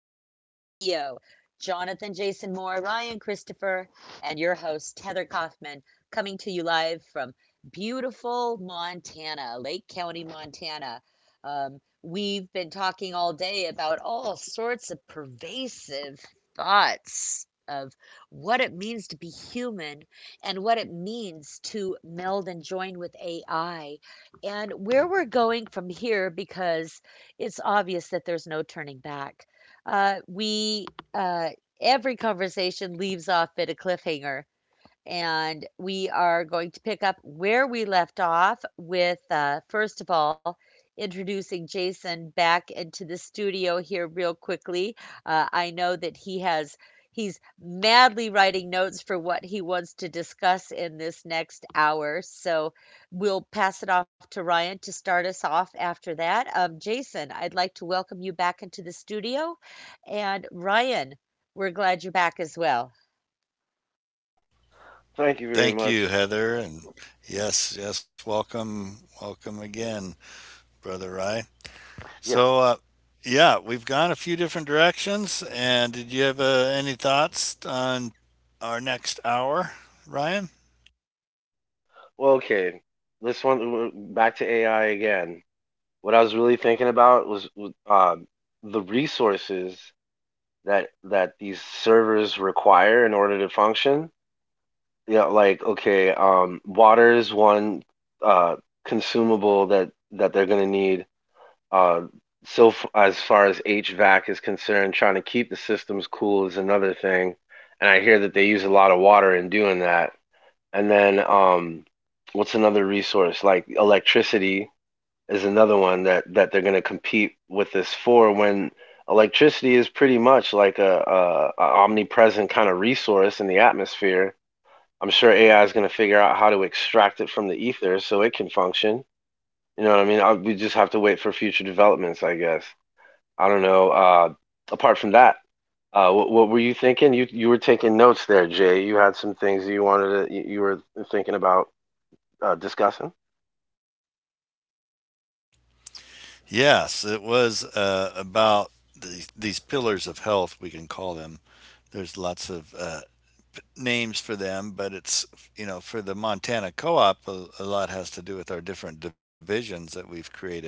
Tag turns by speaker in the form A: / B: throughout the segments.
A: Jason Moore, Ryan Christopher, and your host, Heather Kaufman, coming to you live from beautiful Montana, Lake County, Montana. Um, we've been talking all day about all sorts of pervasive thoughts of what it means to be human, and what it means to meld and join with AI, and where we're going from here because it's obvious that there's no turning back. We uh, every conversation leaves off at a cliffhanger, and we are going to pick up where we left off with, first of all, introducing Jason back into the studio here real quickly. I know that he has. He's madly writing notes for what he wants to discuss in this next hour. So we'll pass it off to Ryan to start us off after that. Jason, I'd like to welcome you back into the studio. And Ryan, we're glad you're back as well.
B: Thank you very
C: Thank
B: much.
C: you, Heather, and yes, yes, welcome, welcome again, brother Rye.
B: Yeah.
C: So, yeah, we've gone a few different directions, and did you have any thoughts on our next hour, Ryan?
B: Well, okay. This one, back to AI again. What I was really thinking about was the resources that these servers require in order to function. Yeah, like okay, water is one uh, consumable that they're gonna need. Uh, as far as HVAC is concerned, trying to keep the systems cool is another thing. And I hear that they use a lot of water in doing that. And then what's another resource? Like electricity is another one that they're going to compete with this for, when electricity is pretty much like a omnipresent kind of resource in the atmosphere. I'm sure AI is going to figure out how to extract it from the ether so it can function. You know what I mean? We just have to wait for future developments, I guess. I don't know. Apart from that, what were you thinking? You were taking notes there, Jay. You had some things you wanted to, you were thinking about discussing?
C: Yes, it was about these pillars of health, we can call them. There's lots of names for them, but it's, you know, for the Montana Co op, a lot has to do with our different divisions that we've created.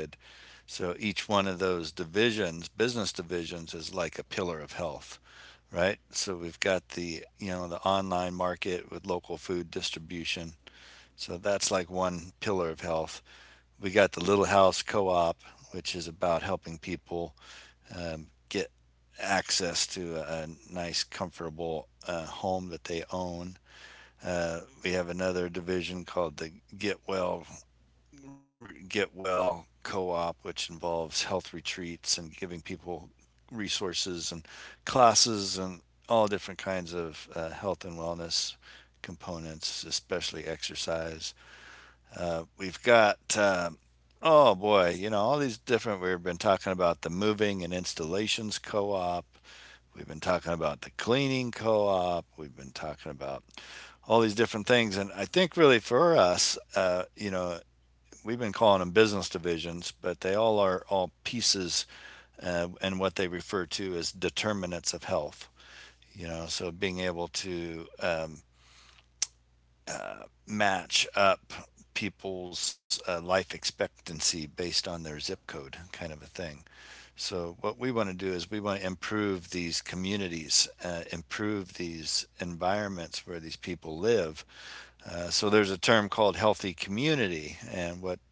C: So each one of those divisions, business divisions, is like a pillar of health, right? So we've got the, you know, the online market with local food distribution. So that's like one pillar of health. We got the Little House Co op, which is about helping people get access to a nice, comfortable home that they own. We have another division called the Get Well Get Well Co-op, which involves health retreats and giving people resources and classes and all different kinds of health and wellness components, especially exercise. We've got, oh boy, you know, all these different. We've been talking about the moving and installations co op. We've been talking about the cleaning co op. We've been talking about all these different things. And I think really for us, you know, we've been calling them business divisions, but they all are all pieces and what they refer to as determinants of health. You know, so being able to match up people's life expectancy based on their zip code, kind of a thing. So, what we want to do is we want to improve these communities, improve these environments where these people live, so there's a term called healthy community, and what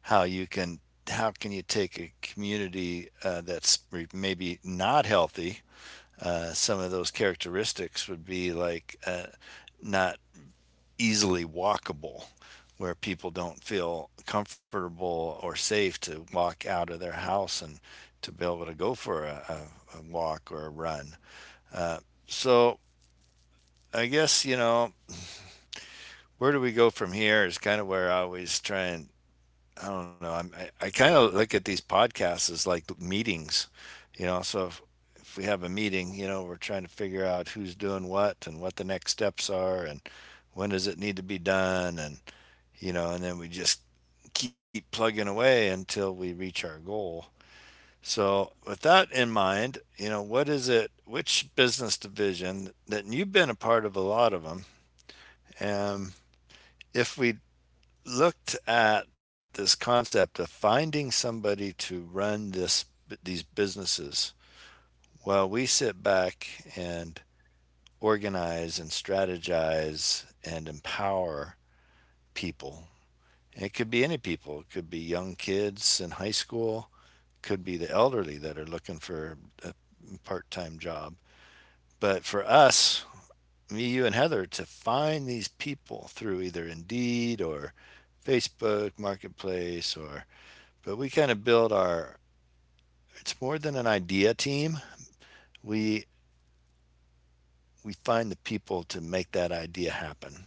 C: how you can how can you take a community that's maybe not healthy? Some of those characteristics would be like not easily walkable, where people don't feel comfortable or safe to walk out of their house and to be able to go for a walk or a run. Uh, so I guess, you know, where do we go from here is kind of where I always try. And I don't know. I kind of look at these podcasts as like meetings, you know. So if we have a meeting, you know, we're trying to figure out who's doing what and what the next steps are and when does it need to be done. And, you know, and then we just keep plugging away until we reach our goal. So with that in mind, you know, what is it, which business division that you've been a part of, a lot of them. And if we looked at this concept of finding somebody to run this these businesses while we sit back and organize and strategize and empower people. And it could be any people. It could be young kids in high school. It could be the elderly that are looking for a part-time job. But for us, me, you, and Heather, to find these people through either Indeed or Facebook Marketplace. Or but we kind of build our, it's more than an idea team. We we find the people to make that idea happen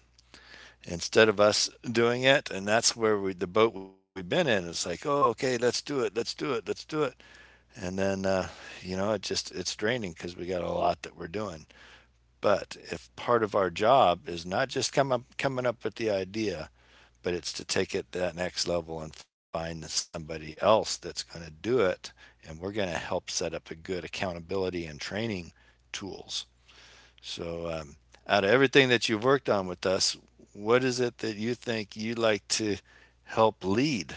C: instead of us doing it. And that's where we, the boat we've been in, it's like, oh, okay, let's do it, let's do it, let's do it. And then you know, it just, it's draining because we got a lot that we're doing. But if part of our job is not just coming up with the idea, but it's to take it to that next level and find somebody else that's going to do it, and we're going to help set up a good accountability and training tools. So out of everything that you've worked on with us, what is it that you think you'd like to help lead?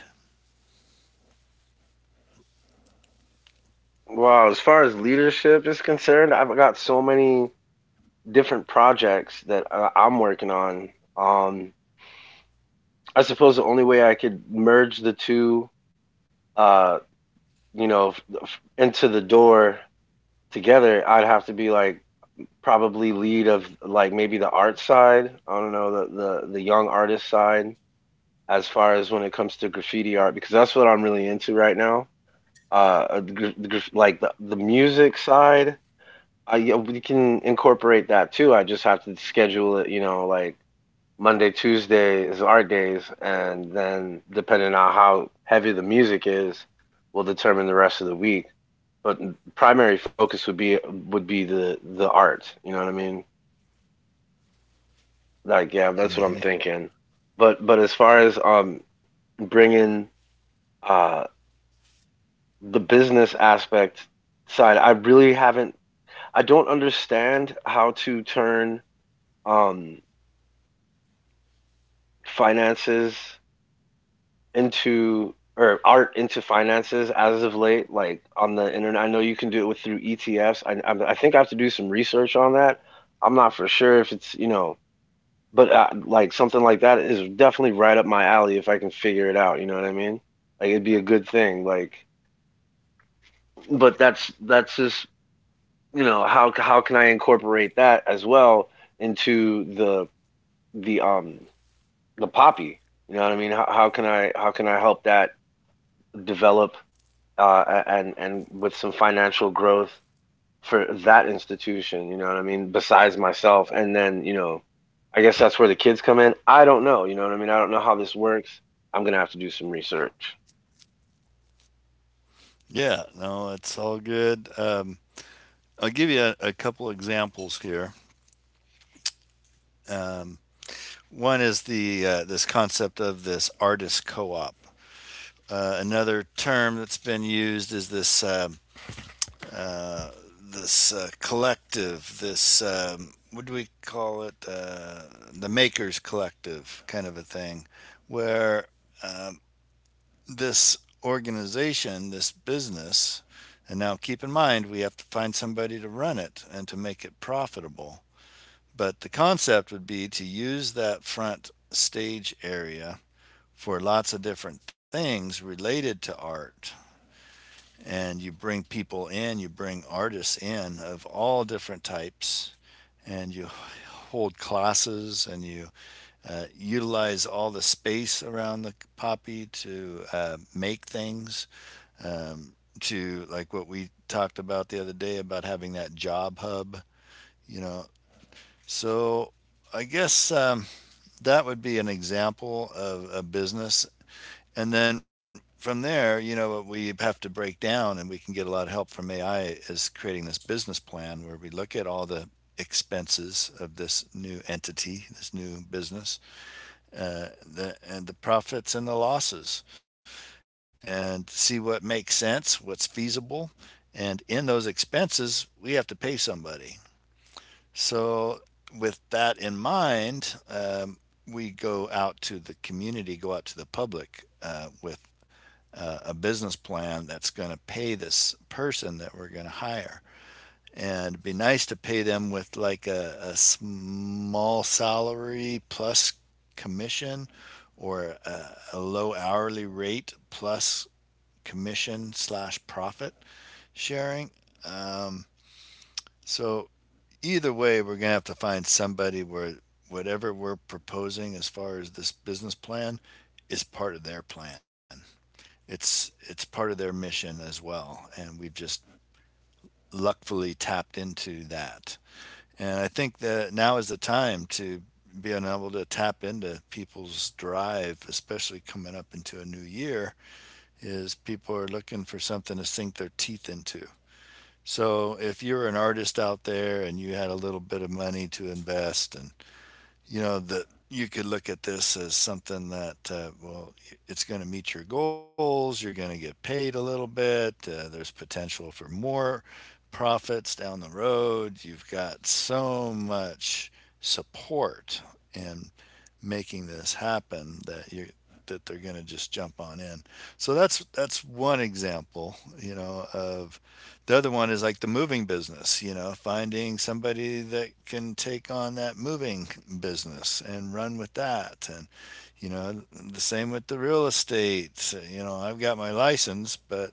B: Well, as far as leadership is concerned, I've got so many different projects that I'm working on. Um, I suppose the only way I could merge the two, uh, you know, into the door together, I'd have to be like probably lead of like maybe the art side. I don't know, the the young artist side, as far as when it comes to graffiti art, because that's what I'm really into right now. Uh, uh, the, gra- like the music side, I yeah, we can incorporate that too. I just have to schedule it, you know, like Monday, Tuesday is art days, and then depending on how heavy the music is, will determine the rest of the week. But primary focus would be, would be the art. You know what I mean? Like, yeah, that's what I'm
C: Mm-hmm.
B: thinking. But as far as bringing uh the business aspect side, I really haven't. I don't understand how to turn um finances into, or art into finances, as of late, like on the internet. I know you can do it with through ETFs. I I think I have to do some research on that. I'm not for sure if it's, you know, but like something like that is definitely right up my alley if I can figure it out. You know what I mean? Like it'd be a good thing. Like, but that's just, you know, how can I incorporate that as well into the the um the poppy? You know what I mean? How can I, how can I help that develop and with some financial growth for that institution. You know what I mean? Besides myself, and then, you know, I guess that's where the kids come in. I don't know. You know what I mean? I don't know how this works. I'm gonna have to do some research.
C: Yeah, no, it's all good. I'll give you a couple examples here. um, One is the this concept of this artist co-op. Another term that's been used is this uh, collective, this, what do we call it? The Makers Collective, kind of a thing, where, um, this organization, this business, and now keep in mind we have to find somebody to run it and to make it profitable. But the concept would be to use that front stage area for lots of different things related to art. And you bring people in, you bring artists in of all different types, and you hold classes, and you utilize all the space around the poppy to make things. Um, to like what we talked about the other day about having that job hub, you know. So I guess, that would be an example of a business. And then from there, you know, we have to break down, and we can get a lot of help from AI is creating this business plan where we look at all the expenses of this new entity, this new business, and the profits and the losses, and see what makes sense, what's feasible. And in those expenses, we have to pay somebody. So, with that in mind, we go out to the community, go out to the public with a business plan that's going to pay this person that we're going to hire. And it'd be nice to pay them with like a small salary plus commission, or a low hourly rate plus commission slash profit sharing. Um, so either way, we're going to have to find somebody where whatever we're proposing as far as this business plan is part of their plan. It's part of their mission as well, and we've just luckily tapped into that. And I think that now is the time to be able to tap into people's drive, especially coming up into a new year, is people are looking for something to sink their teeth into. So if you're an artist out there and you had a little bit of money to invest, and you know that you could look at this as something that, well, it's going to meet your goals, you're going to get paid a little bit, there's potential for more profits down the road, you've got so much support and making this happen that you that they're going to just jump on in. So that's one example, you know. Of the other one is like the moving business, you know, finding somebody that can take on that moving business and run with that. And you know, the same with the real estate. You know, I've got my license, but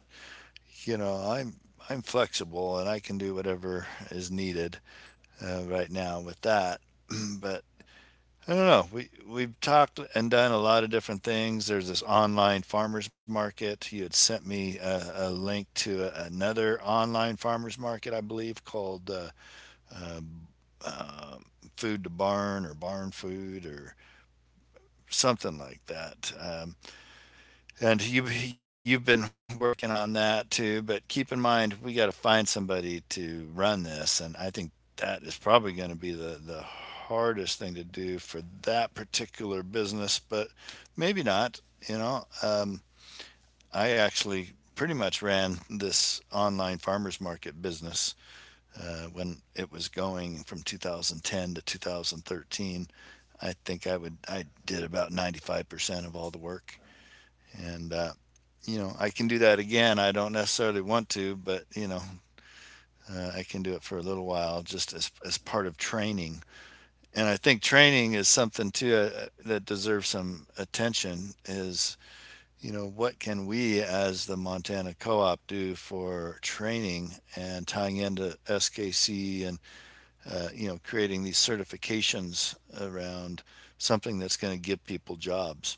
C: you know, I'm flexible and I can do whatever is needed right now with that. But I don't know. We've talked and done a lot of different things. There's this online farmers market. You had sent me a link to a, another online farmers market, I believe, called Food to Barn or Barn Food or something like that. And you've been working on that too. But keep in mind, we got to find somebody to run this, and I think that is probably going to be the hardest thing to do for that particular business. But maybe not. You know, I actually pretty much ran this online farmers market business when it was going from 2010 to 2013. I think I did about 95% of all the work. And, you know, I can do that again. I don't necessarily want to, but, you know, I can do it for a little while just as part of training. And I think training is something too, that deserves some attention is, you know, what can we as the Montana Co op do for training and tying into SKC? And, you know, creating these certifications around something that's going to give people jobs.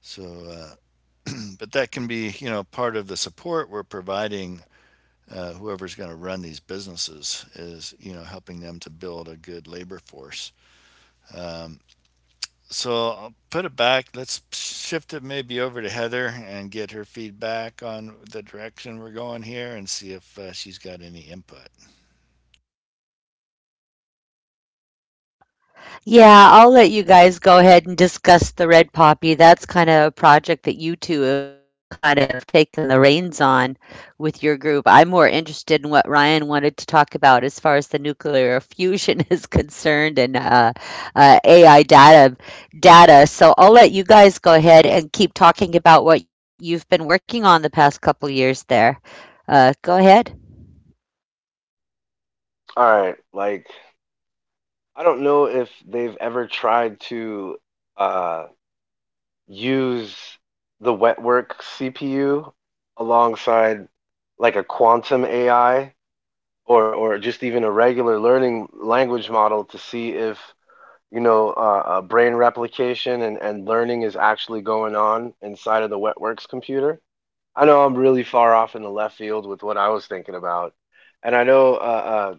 C: So uh, but that can be, you know, part of the support we're providing whoever's going to run these businesses is, you know, helping them to build a good labor force. Um, so I'll put it back. Let's shift it maybe over to Heather and get her feedback on the direction we're going here and see if she's got any input.
A: Yeah, I'll let you guys go ahead and discuss the Red Poppy. That's kind of a project that you two have kind of taken the reins on with your group. I'm more interested in what Ryan wanted to talk about as far as the nuclear fusion is concerned, and AI data. So I'll let you guys go ahead and keep talking about what you've been working on the past couple years there. Go ahead.
B: All right, like, I don't know if they've ever tried to uh, use the wet work CPU alongside like a quantum AI, or just even a regular learning language model, to see if, you know, brain replication and learning is actually going on inside of the Wetworks computer. I know I'm really far off in the left field with what I was thinking about, and I know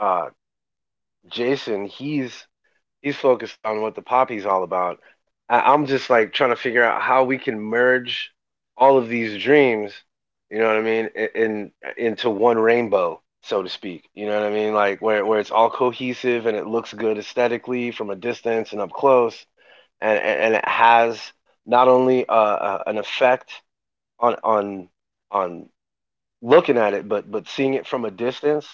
B: uh, uh, Jason, he's focused on what the poppy's all about. I'm just like trying to figure out how we can merge all of these dreams, you know what I mean, I- in into one rainbow, so to speak. You know what I mean, like where it's all cohesive and it looks good aesthetically from a distance and up close, and it has not only an effect on on on looking at it, but seeing it from a distance,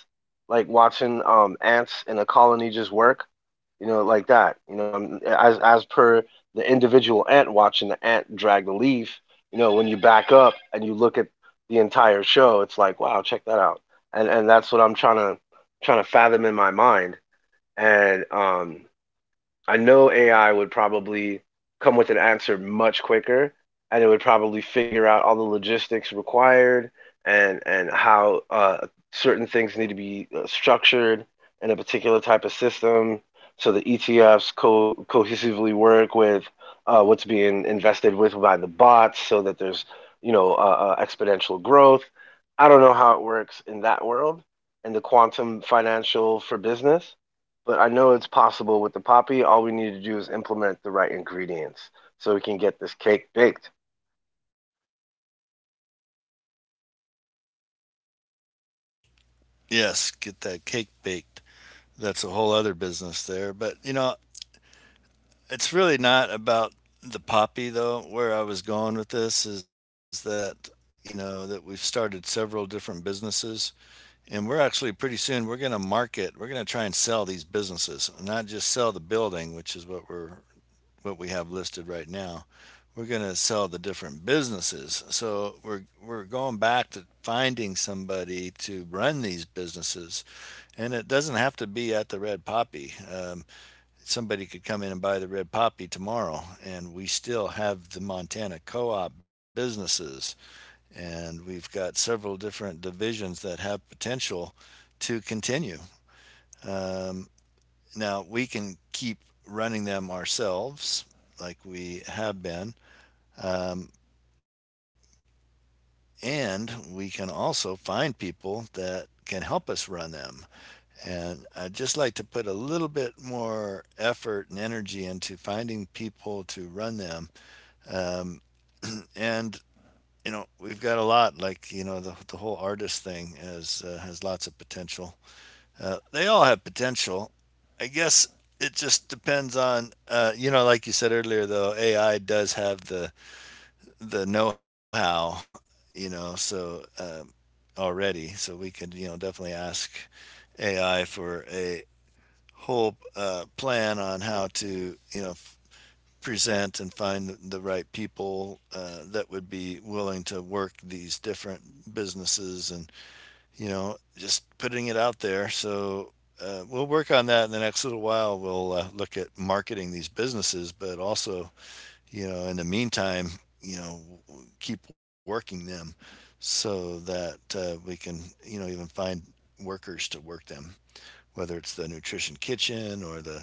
B: like watching ants in a colony just work, you know, like that. You know, and as per the individual ant, watching the ant drag the leaf. You know, when you back up and you look at the entire show, it's like, wow, check that out. And that's what I'm trying to, trying to fathom in my mind. And I know AI would probably come with an answer much quicker, and it would probably figure out all the logistics required, and how certain things need to be structured in a particular type of system, so the ETFs cohesively work with what's being invested with by the bots, so that there's, you know, exponential growth. I don't know how it works in that world, in the quantum financial for business, but I know it's possible with the poppy. All we need to do is implement the right ingredients so we can get this cake baked.
C: Yes, get that cake baked. That's a whole other business there. But, you know, it's really not about the poppy though. Where I was going with this is that, you know, that we've started several different businesses, and we're actually, pretty soon we're going to market, we're going to try and sell these businesses, not just sell the building, which is what we're, what we have listed right now. We're going to sell the different businesses. So we're going back to finding somebody to run these businesses, and it doesn't have to be at the Red Poppy. Somebody could come in and buy the Red Poppy tomorrow, and we still have the Montana co-op businesses, and we've got several different divisions that have potential to continue. Um, Now we can keep running them ourselves like we have been, um, and we can also find people that can help us run them. And I'd just like to put a little bit more effort and energy into finding people to run them. Um, and we've got a lot. Like the whole artist thing has lots of potential. They all have potential. I guess it just depends on, you know, like you said earlier, though AI does have the know how. You know, so um, Already, so we could, definitely ask AI for a whole plan on how to, present and find the right people, that would be willing to work these different businesses. And just putting it out there. So we'll work on that in the next little while. We'll look at marketing these businesses, but also, in the meantime, you know keep working them so that we can, even find workers to work them, whether it's the nutrition kitchen or the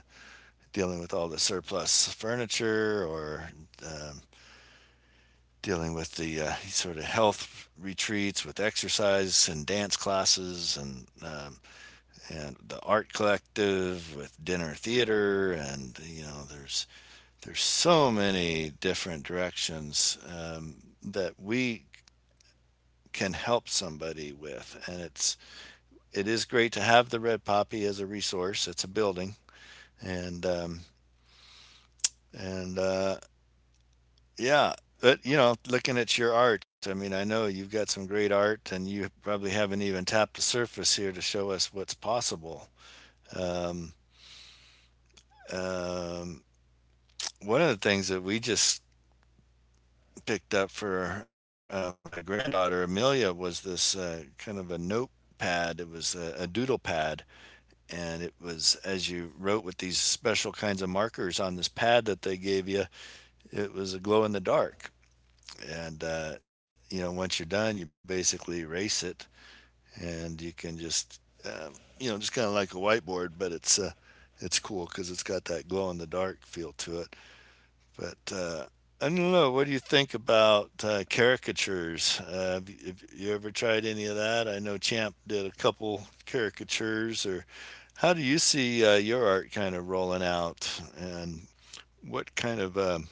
C: dealing with all the surplus furniture, or uh, dealing with the sort of health retreats with exercise and dance classes, and the art collective with dinner theater. And there's so many different directions, that we can help somebody with. And it's it is great to have the Red Poppy as a resource. It's a building. And um, and Yeah, but you know, looking at your art, I mean, I know you've got some great art, and you probably haven't even tapped the surface here to show us what's possible. Um, um, One of the things that we just picked up for my granddaughter Amelia was this, kind of a notepad. It was a doodle pad, and it was as you wrote with these special kinds of markers on this pad that they gave you. It was a glow in the dark, and you know, once you're done, you basically erase it, and you can just, um, you know, just kind of like a whiteboard, but it's cool because it's got that glow in the dark feel to it. But I don't know. What do you think about, caricatures? Have you ever tried any of that? I know Champ did a couple caricatures. Or how do you see your art kind of rolling out? And what kind of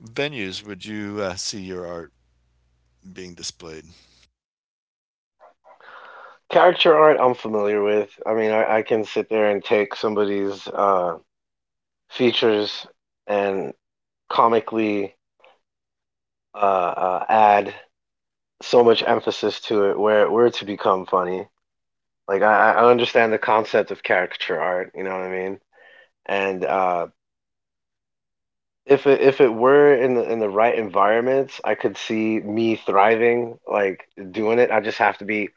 C: venues would you, see your art being displayed?
B: Character art I'm familiar with. I mean, I can sit there and take somebody's features and comically add so much emphasis to it where it were to become funny. Like I understand the concept of caricature art, you know what I mean? And if it if it were in the right environments, I could see me thriving, like, doing it. I just have to be,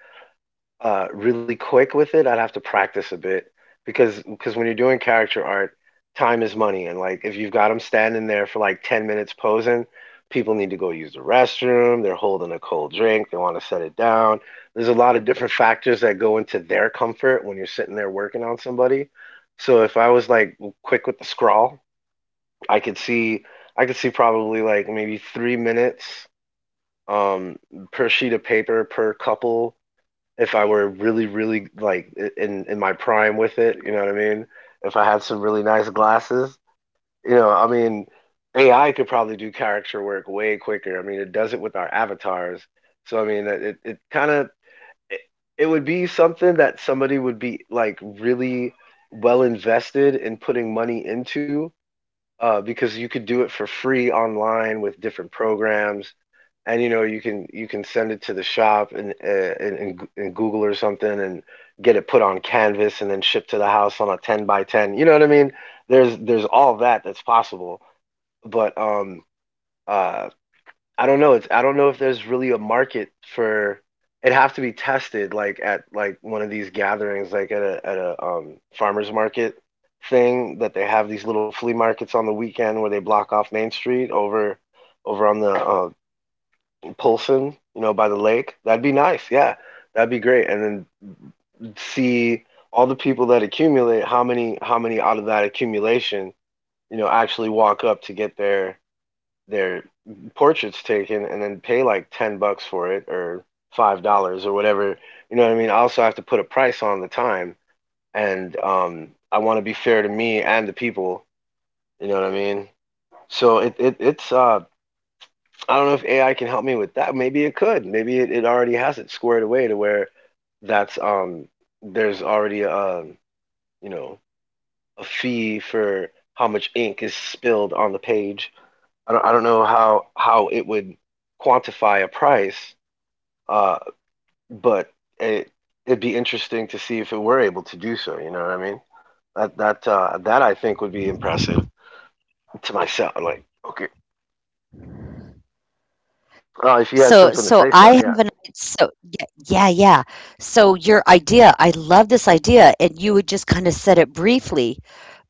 B: really quick with it. I'd have to practice a bit, because when you're doing character art, time is money, and, like, if you've got them standing there for, like, 10 minutes posing, people need to go use the restroom, they're holding a cold drink, they wanna set it down. There's a lot of different factors that go into their comfort when you're sitting there working on somebody. So if I was, like, quick with the scrawl, I could see I could see probably like maybe 3 minutes um per sheet of paper per couple, if I were really like in my prime with it, you know what I mean? If I had some really nice glasses, you know, I mean, AI could probably do character work way quicker. I mean, it does it with our avatars. So I mean, it kind of, it, it would be something that somebody would be like really well invested in putting money into, because you could do it for free online with different programs, and you know you can, you can send it to the shop and and google or something, and get it put on canvas and then shipped to the house on a 10 by 10, you know what I mean, there's all that that's possible. But uh I don't know. It's, I don't know if there's really a market for, it'd have to be tested like at, like one of these gatherings like at a farmers market thing, that they have these little flea markets on the weekend where they block off Main Street over on the Polson, you know, by the lake. That'd be nice. Yeah. That'd be great. And then see all the people that accumulate, how many out of that accumulation, you know, actually walk up to get their their portraits taken and then pay like $10 for it, or $5, or whatever. You know what I mean? I also have to put a price on the time, and I want to be fair to me and the people, you know what I mean? So it's I don't know if AI can help me with that. Maybe it could. Maybe it already has it squared away to where that's there's already, you know, a fee for how much ink is spilled on the page. I don't know how it would quantify a price, uh, but it it'd be interesting to see if it were able to do so. You know what I mean? That that I think would be impressive to myself. Like, okay, if you had
A: So
B: something to
A: so
B: say, so
A: I
B: yeah.
A: have an so yeah, yeah, yeah. So your idea, I love this idea, and you would just kind of said it briefly,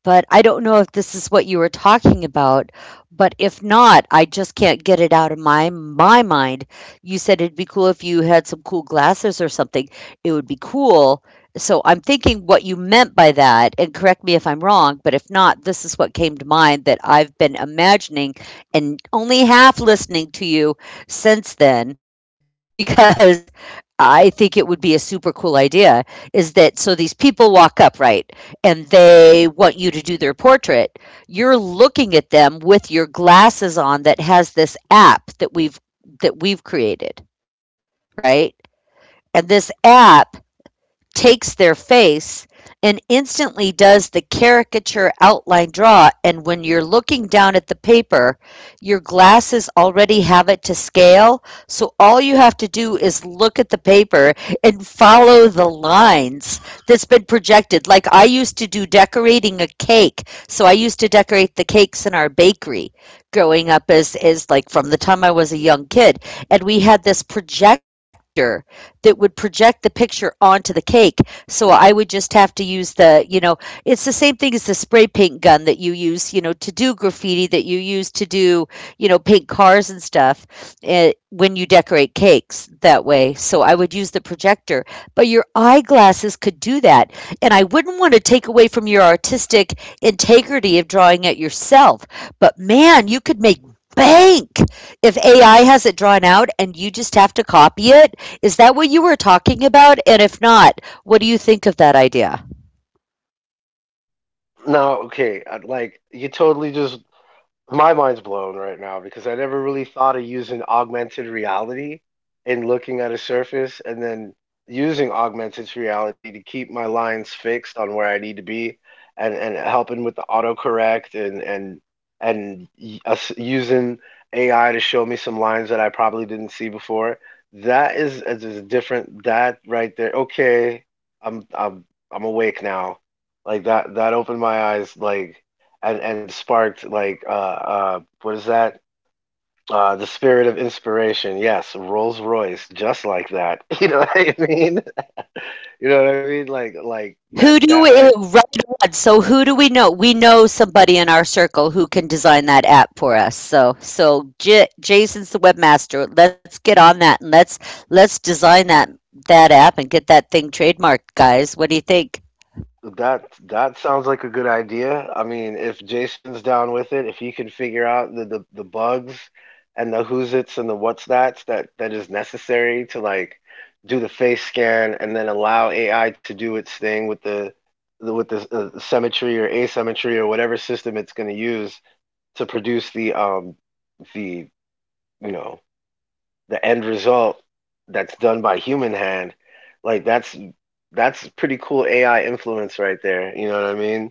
A: but I don't know if this is what you were talking about, but if not, I just can't get it out of my mind. You said it'd be cool if you had some cool glasses or something. It would be cool. So I'm thinking what you meant by that, and correct me if I'm wrong, but if not, this is what came to mind that I've been imagining and only half listening to you since then because I think it would be a super cool idea. Is that so these people walk upright and they want you to do their portrait, you're looking at them with your glasses on that has this app that we've created, right? And this app takes their face and instantly does the caricature outline draw. And when you're looking down at the paper, your glasses already have it to scale. So all you have to do is look at the paper and follow the lines that's been projected. Like I used to do decorating a cake. So I used to decorate the cakes in our bakery growing up as like from the time I was a young kid. And we had this projector that would project the picture onto the cake. So I would just have to use the, you know, it's the same thing as the spray paint gun that you use, you know, to do graffiti that you use to do, you know, paint cars and stuff when you decorate cakes that way. So I would use the projector, but your eyeglasses could do that. And I wouldn't want to take away from your artistic integrity of drawing it yourself. But man, you could make bank if AI has it drawn out and you just have to copy it. Is that what you were talking about? And if not, what do you think of that idea?
B: No, okay. Like you totally just, my mind's blown right now because I never really thought of using augmented reality and looking at a surface and then using augmented reality to keep my lines fixed on where I need to be, and helping with the autocorrect and us using AI to show me some lines that I probably didn't see before. That is, is different. That right there. Okay, I'm I'm I'm awake now. Like that opened my eyes, like, and sparked like, what is that? The spirit of inspiration. Yes, Rolls-Royce, just like that. You know what I mean? You know what I mean? Like like that that right.
A: Right on. So who do we know? We know somebody in our circle who can design that app for us. So, so Jason's the webmaster. Let's get on that, and let's design that app and get that thing trademarked, guys. What do you think?
B: That that sounds like a good idea. I mean, if Jason's down with it, if he can figure out the bugs and the who's its and the what's that is necessary to like do the face scan and then allow AI to do its thing with the symmetry or asymmetry or whatever system it's going to use to produce the you know the end result that's done by human hand, like that's pretty cool AI influence right there. You know what I mean?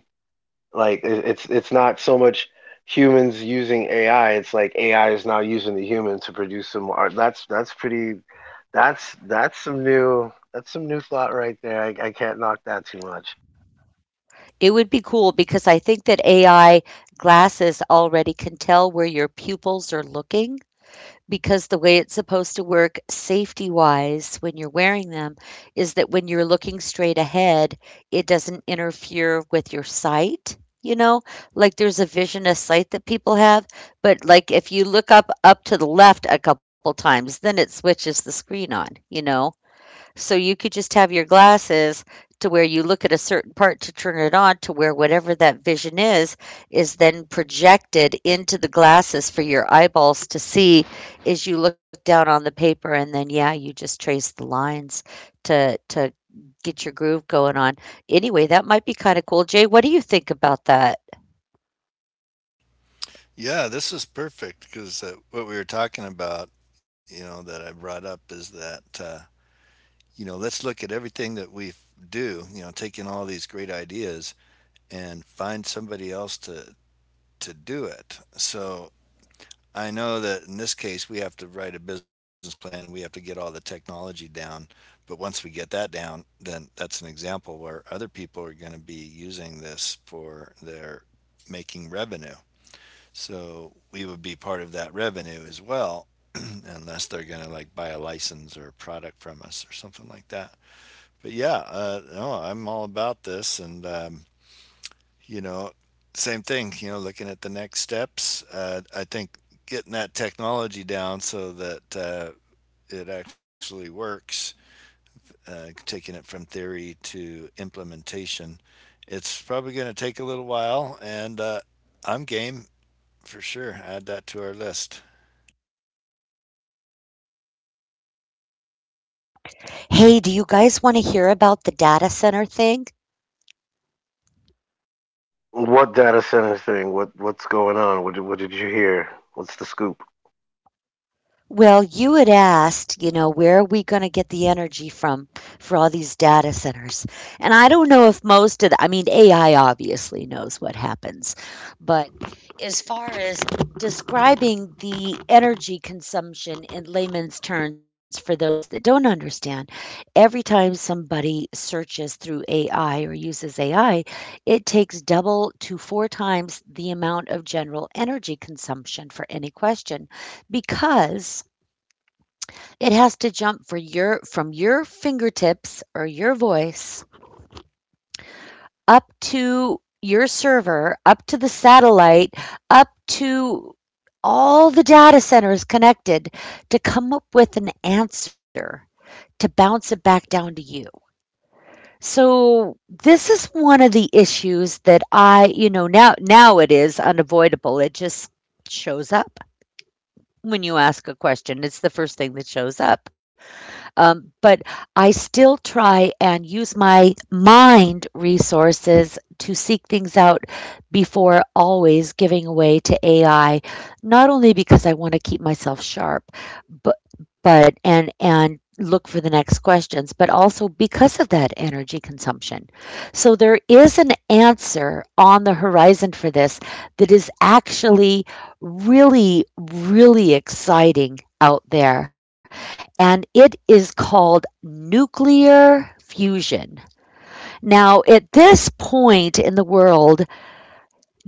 B: It's not so much humans using AI. It's like AI is now using the human to produce some art. That's pretty. That's some new thought right there. I can't knock that too much.
A: It would be cool because I think that AI glasses already can tell where your pupils are looking because the way it's supposed to work safety wise when you're wearing them is that when you're looking straight ahead, it doesn't interfere with your sight. You know, like there's a vision of sight that people have, but like if you look up to the left a couple times, then it switches the screen on, you know. So you could just have your glasses to where you look at a certain part to turn it on, to where whatever that vision is then projected into the glasses for your eyeballs to see as you look down on the paper, and then yeah, you just trace the lines to get your groove going on. Anyway, that might be kind of cool. Jay, what do you think about that?
C: Yeah, this is perfect, because what we were talking about, you know, that I brought up is that, you know, let's look at everything that we do, you know, taking all these great ideas and find somebody else to do it. So I know that in this case we have to write a business plan, and we have to get all the technology down. But once we get that down, then that's an example where other people are going to be using this for their making revenue. So we would be part of that revenue as well, unless they're going to like buy a license or a product from us or something like that. But yeah, no, I'm all about this, and you know, same thing. You know, looking at the next steps, I think getting that technology down so that it actually works, taking it from theory to implementation, it's probably going to take a little while, and I'm game for sure. Add that to our list.
A: Hey, do you guys want to hear about the data center thing?
B: What data center thing? What's going on? What did you hear? What's the scoop?
A: Well, you had asked, you know, where are we gonna get the energy from for all these data centers? And I don't know if most of the, I mean, AI obviously knows what happens, but as far as describing the energy consumption in layman's terms for those that don't understand, every time somebody searches through AI or uses AI, it takes double to four times the amount of general energy consumption for any question because it has to jump for your from your fingertips or your voice up to your server, up to the satellite, up to all the data centers connected to come up with an answer, to bounce it back down to you. So this is one of the issues that I, you know, now it is unavoidable. It just shows up when you ask a question. It's the first thing that shows up. But I still try and use my mind resources to seek things out before always giving away to AI, not only because I want to keep myself sharp, but but and look for the next questions, but also because of that energy consumption. So there is an answer on the horizon for this that is actually really, really exciting out there, and it is called nuclear fusion. Now, at this point in the world,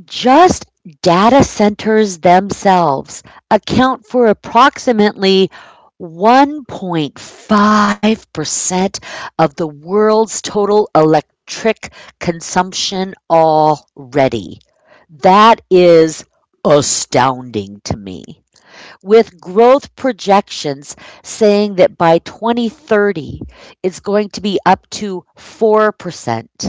A: just data centers themselves account for approximately 1.5% of the world's total electric consumption already. That is astounding to me, with growth projections saying that by 2030, it's going to be up to 4%.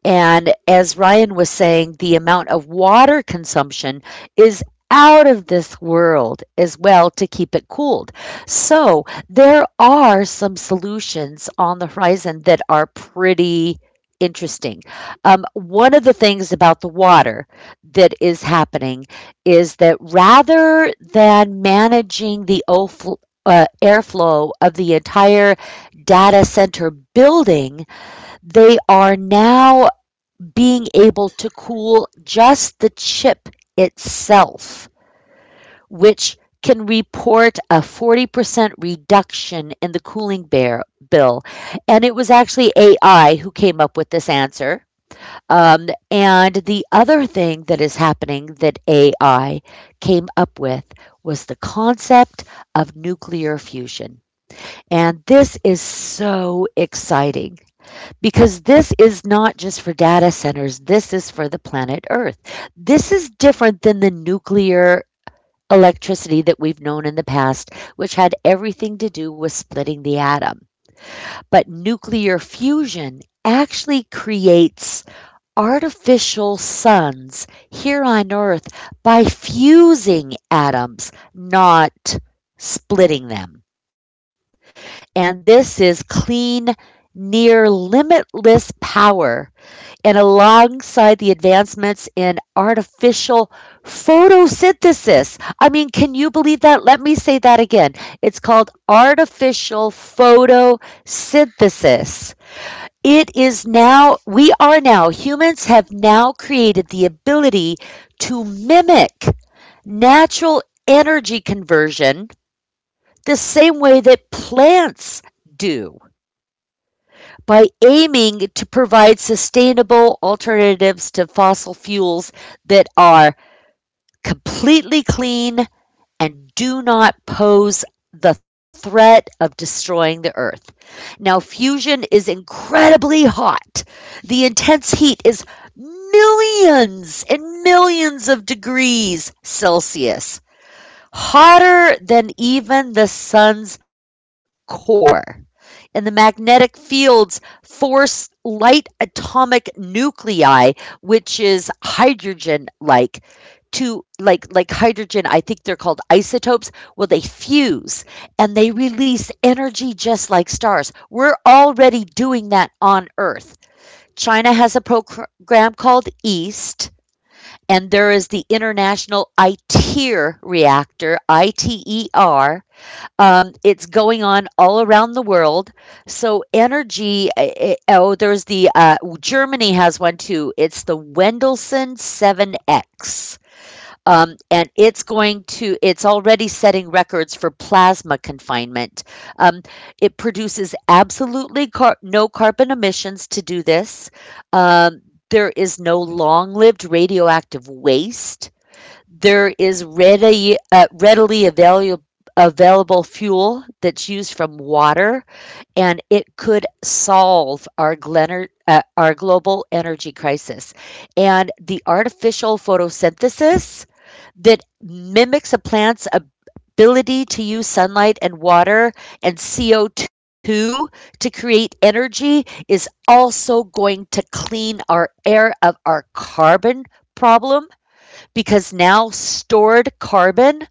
A: And as Ryan was saying, the amount of water consumption is out of this world as well to keep it cooled. So there are some solutions on the horizon that are pretty interesting. One of the things about the water that is happening is that rather than managing the airflow of the entire data center building, they are now being able to cool just the chip itself, which can report a 40% reduction in the cooling bear bill. And it was actually AI who came up with this answer. And the other thing that is happening that AI came up with was the concept of nuclear fusion. And this is so exciting because this is not just for data centers, this is for the planet Earth. This is different than the nuclear electricity that we've known in the past, which had everything to do with splitting the atom. But nuclear fusion actually creates artificial suns here on Earth by fusing atoms, not splitting them. And this is clean, near limitless power, and alongside the advancements in artificial photosynthesis. I mean, can you believe that? Let me say that again. It's called artificial photosynthesis. It is now, we are now, Humans have now created the ability to mimic natural energy conversion the same way that plants do by aiming to provide sustainable alternatives to fossil fuels that are completely clean and do not pose the threat of destroying the earth. Now, fusion is incredibly hot. The intense heat is millions and millions of degrees Celsius, hotter than even the sun's core, and the magnetic fields force light atomic nuclei, which is hydrogen like to hydrogen, I think they're called isotopes. Well, they fuse and they release energy just like stars. We're already doing that on earth. China has a program called EAST, and there is the international ITER reactor, ITER. It's going on all around the world. So energy. Oh, there's the Germany has one too. It's the Wendelson 7X, and it's going to. It's already setting records for plasma confinement. Um, it produces absolutely no carbon emissions to do this. Um, there is no long lived radioactive waste. There is readily available fuel that's used from water, and it could solve our global energy crisis. And the artificial photosynthesis that mimics a plant's ability to use sunlight and water and CO2 to create energy is also going to clean our air of our carbon problem because now stored carbon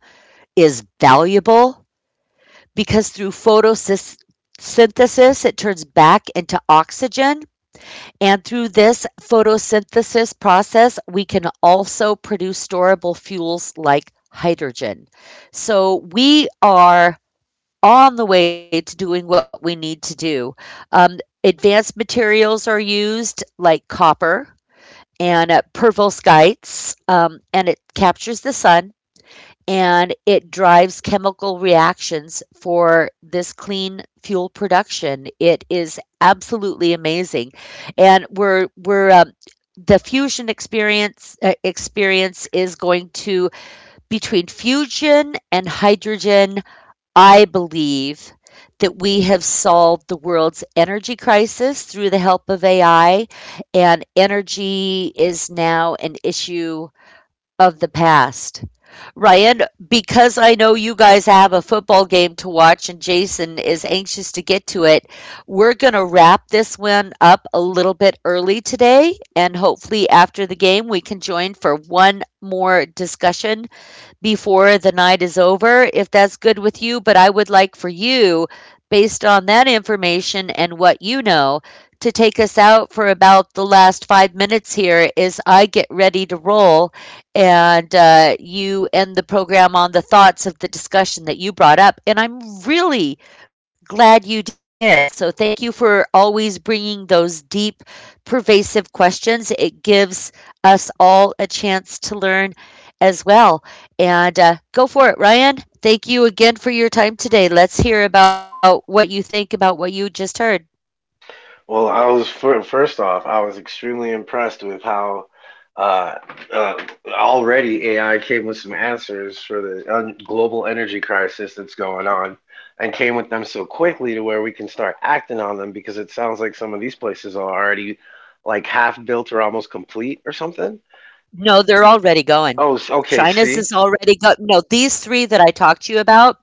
A: is valuable because through photosynthesis it turns back into oxygen. And through this photosynthesis process, we can also produce storable fuels like hydrogen. So we are on the way to doing what we need to do. Advanced materials are used like copper and perovskites, and it captures the sun and it drives chemical reactions for this clean fuel production. It is absolutely amazing, and we're the fusion experience experience is going to between fusion and hydrogen. I believe that we have solved the world's energy crisis through the help of AI, and energy is now an issue of the past. Ryan, because I know you guys have a football game to watch and Jason is anxious to get to it, we're going to wrap this one up a little bit early today. And hopefully, after the game, we can join for one more discussion before the night is over, if that's good with you. But I would like for you, based on that information and what you know, to take us out for about the last 5 minutes here as I get ready to roll, and you end the program on the thoughts of the discussion that you brought up. And I'm really glad you did. So thank you for always bringing those deep, pervasive questions. It gives us all a chance to learn as well. And go for it, Ryan. Thank you again for your time today. Let's hear about what you think about what you just heard.
B: Well, I was first off, I was extremely impressed with how uh, uh, already AI came with some answers for the un- global energy crisis that's going on, and came with them so quickly to where we can start acting on them because it sounds like some of these places are already like half built or almost complete or something.
A: No, they're already going.
B: Oh, okay.
A: China's
B: See,
A: is already go. No, these three that I talked to you about,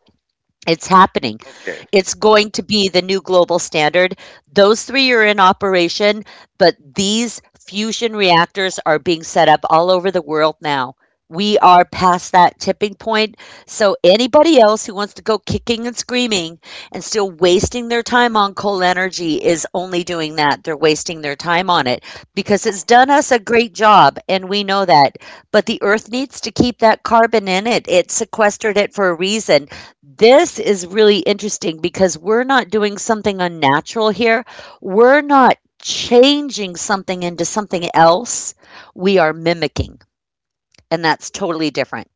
A: it's happening.
B: okay.
A: It's going to be the new global standard. Those three are in operation, but these fusion reactors are being set up all over the world now. We are past that tipping point. So, anybody else who wants to go kicking and screaming and still wasting their time on coal energy is only doing that. They're wasting their time on it because it's done us a great job, and we know that. But the earth needs to keep that carbon in it. It sequestered it for a reason. This is really interesting because we're not doing something unnatural here. We're not changing something into something else. We are mimicking, and that's totally different.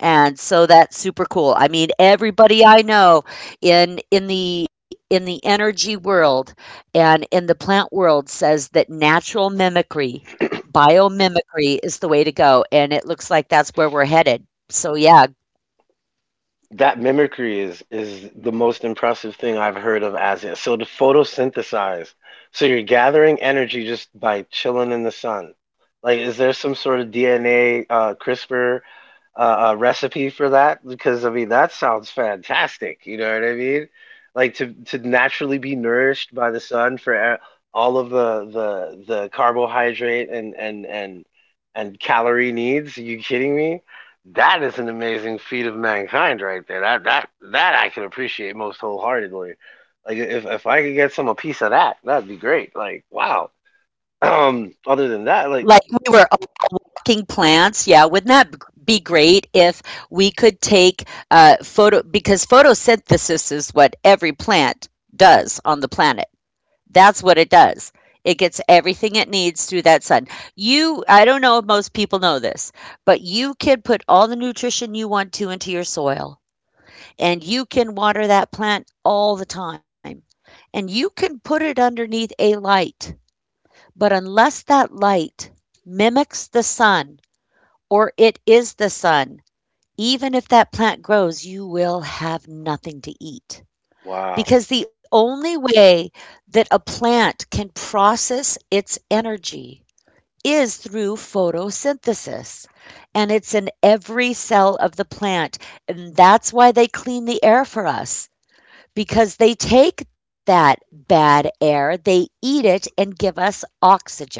A: And so that's super cool. I mean, everybody I know in the energy world and in the plant world says that natural mimicry, biomimicry is the way to go, and it looks like that's where we're headed. So yeah,
B: That mimicry is the most impressive thing I've heard of as yet. So to photosynthesize, so you're gathering energy just by chilling in the sun. Like, is there some sort of DNA, CRISPR a recipe for that? Because I mean, that sounds fantastic. You know what I mean? Like to naturally be nourished by the sun for all of the carbohydrate and calorie needs. Are you kidding me? That is an amazing feat of mankind right there. That I can appreciate most wholeheartedly. Like if I could get some a piece of that, that'd be great. Like wow. Um. Other than
A: like
B: that, like
A: we were king plants. Yeah, wouldn't be great if we could take photo because photosynthesis is what every plant does on the planet. That's what it does. It gets everything it needs through that sun. You i don't know if most people know this, but you can put all the nutrition you want to into your soil, and you can water that plant all the time, and you can put it underneath a light, but unless that light mimics the sun or it is the sun. Even if that plant grows, you will have nothing to eat.
B: wow.
A: Because the only way that a plant can process its energy is through photosynthesis. And it's in every cell of the plant. And that's why they clean the air for us, because they take that bad air, they eat it, and give us oxygen.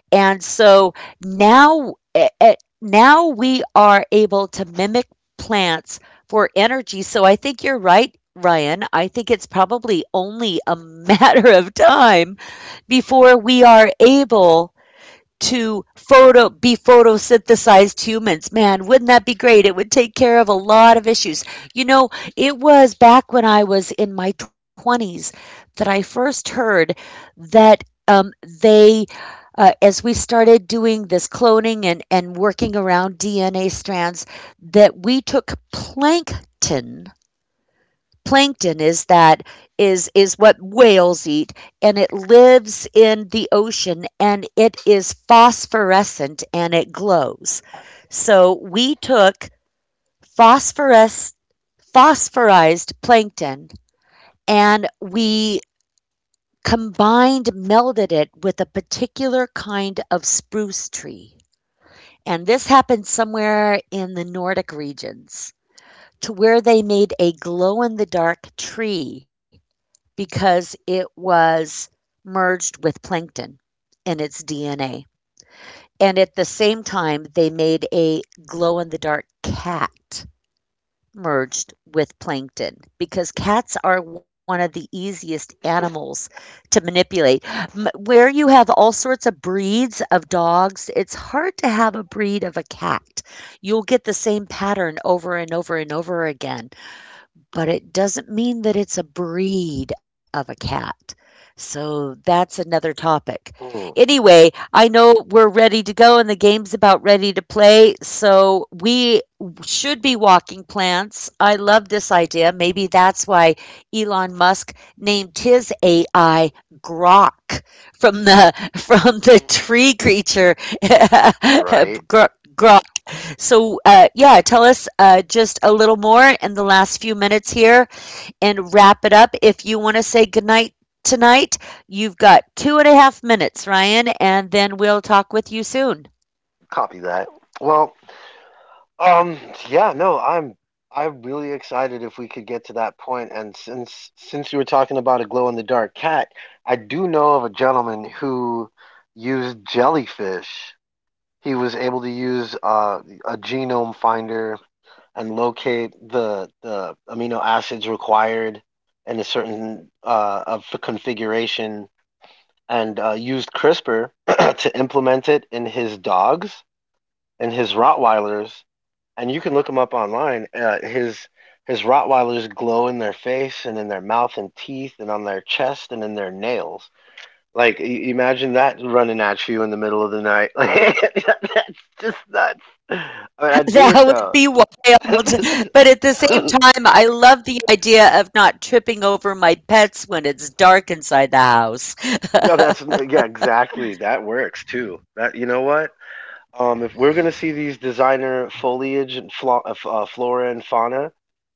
A: And so now, now we are able to mimic plants for energy. So I think you're right, Ryan. I think it's probably only a matter of time before we are able to photosynthesized humans. Man, wouldn't that be great? It would take care of a lot of issues. You know, it was back when I was in my 20s that I first heard that um, they as we started doing this cloning and working around DNA strands, that we took plankton is that is what whales eat, and it lives in the ocean and it is phosphorescent and it glows. So we took phosphorus phosphorized plankton, and we combined melded it with a particular kind of spruce tree. And this happened somewhere in the Nordic regions to where they made a glow in the dark tree because it was merged with plankton in its DNA. And at the same time, they made a glow in the dark cat merged with plankton because cats are one of the easiest animals to manipulate. Where you have all sorts of breeds of dogs, it's hard to have a breed of a cat. You'll get the same pattern over and over and over again, but it doesn't mean that it's a breed of a cat. So that's another topic.
B: Mm,
A: Anyway, I know we're ready to go and the game's about ready to play. So we should be walking plants. I love this idea. Maybe that's why Elon Musk named his AI Grok, from the from the
B: mm,
A: tree creature
B: right.
A: Grok. Grok. So, yeah, tell us just a little more in the last few minutes here and wrap it up. If you want to say goodnight tonight, you've got two and a half minutes, Ryan, and then we'll talk with you soon.
B: Copy that. Well, um, yeah, no, I'm really excited if we could get to that point. And since you were talking about a glow in the dark cat, I do know of a gentleman who used jellyfish. He was able to use a genome finder and locate the amino acids required in a certain of the configuration, and used CRISPR to implement it in his dogs and his Rottweilers, and you can look him up online. His Rottweilers glow in their face and in their mouth and teeth and on their chest and in their nails. Like imagine that running at you in the middle of the night. That's just nuts. I mean, I dig it
A: That would
B: though.
A: be wild. But at the same time, I love the idea of not tripping over my pets when it's dark inside the house.
B: Yeah, that's yeah, exactly. That works too. That, you know what? If we're gonna see these designer foliage and flora and fauna,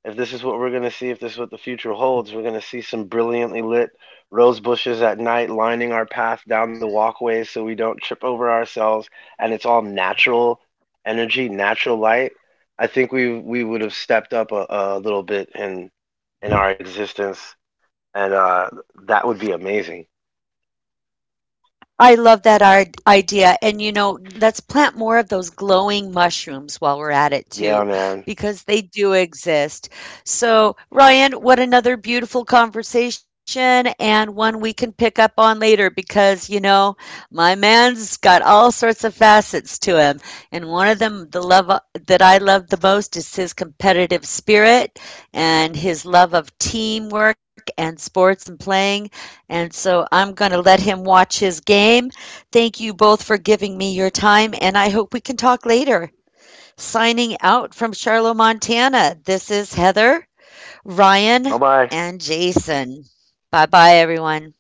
B: if this is what we're gonna see, if this is what the future holds, we're gonna see some brilliantly lit rose bushes at night lining our path down the walkways so we don't trip over ourselves, and it's all natural energy, natural light. I think we would have stepped up a little bit in our existence, and that would be amazing.
A: I love that idea. And, you know, let's plant more of those glowing mushrooms while we're at it,
B: Yeah,
A: too,
B: man.
A: because they do exist. So, Ryan, what another beautiful conversation, and one we can pick up on later because, you know, my man's got all sorts of facets to him. And one of them, the love that I love the most is his competitive spirit and his love of teamwork and sports and playing. And so I'm going to let him watch his game. Thank you both for giving me your time, and I hope we can talk later. Signing out from Charlotte, Montana, this is Heather, Ryan,
B: Bye bye.
A: and Jason. Bye bye, everyone.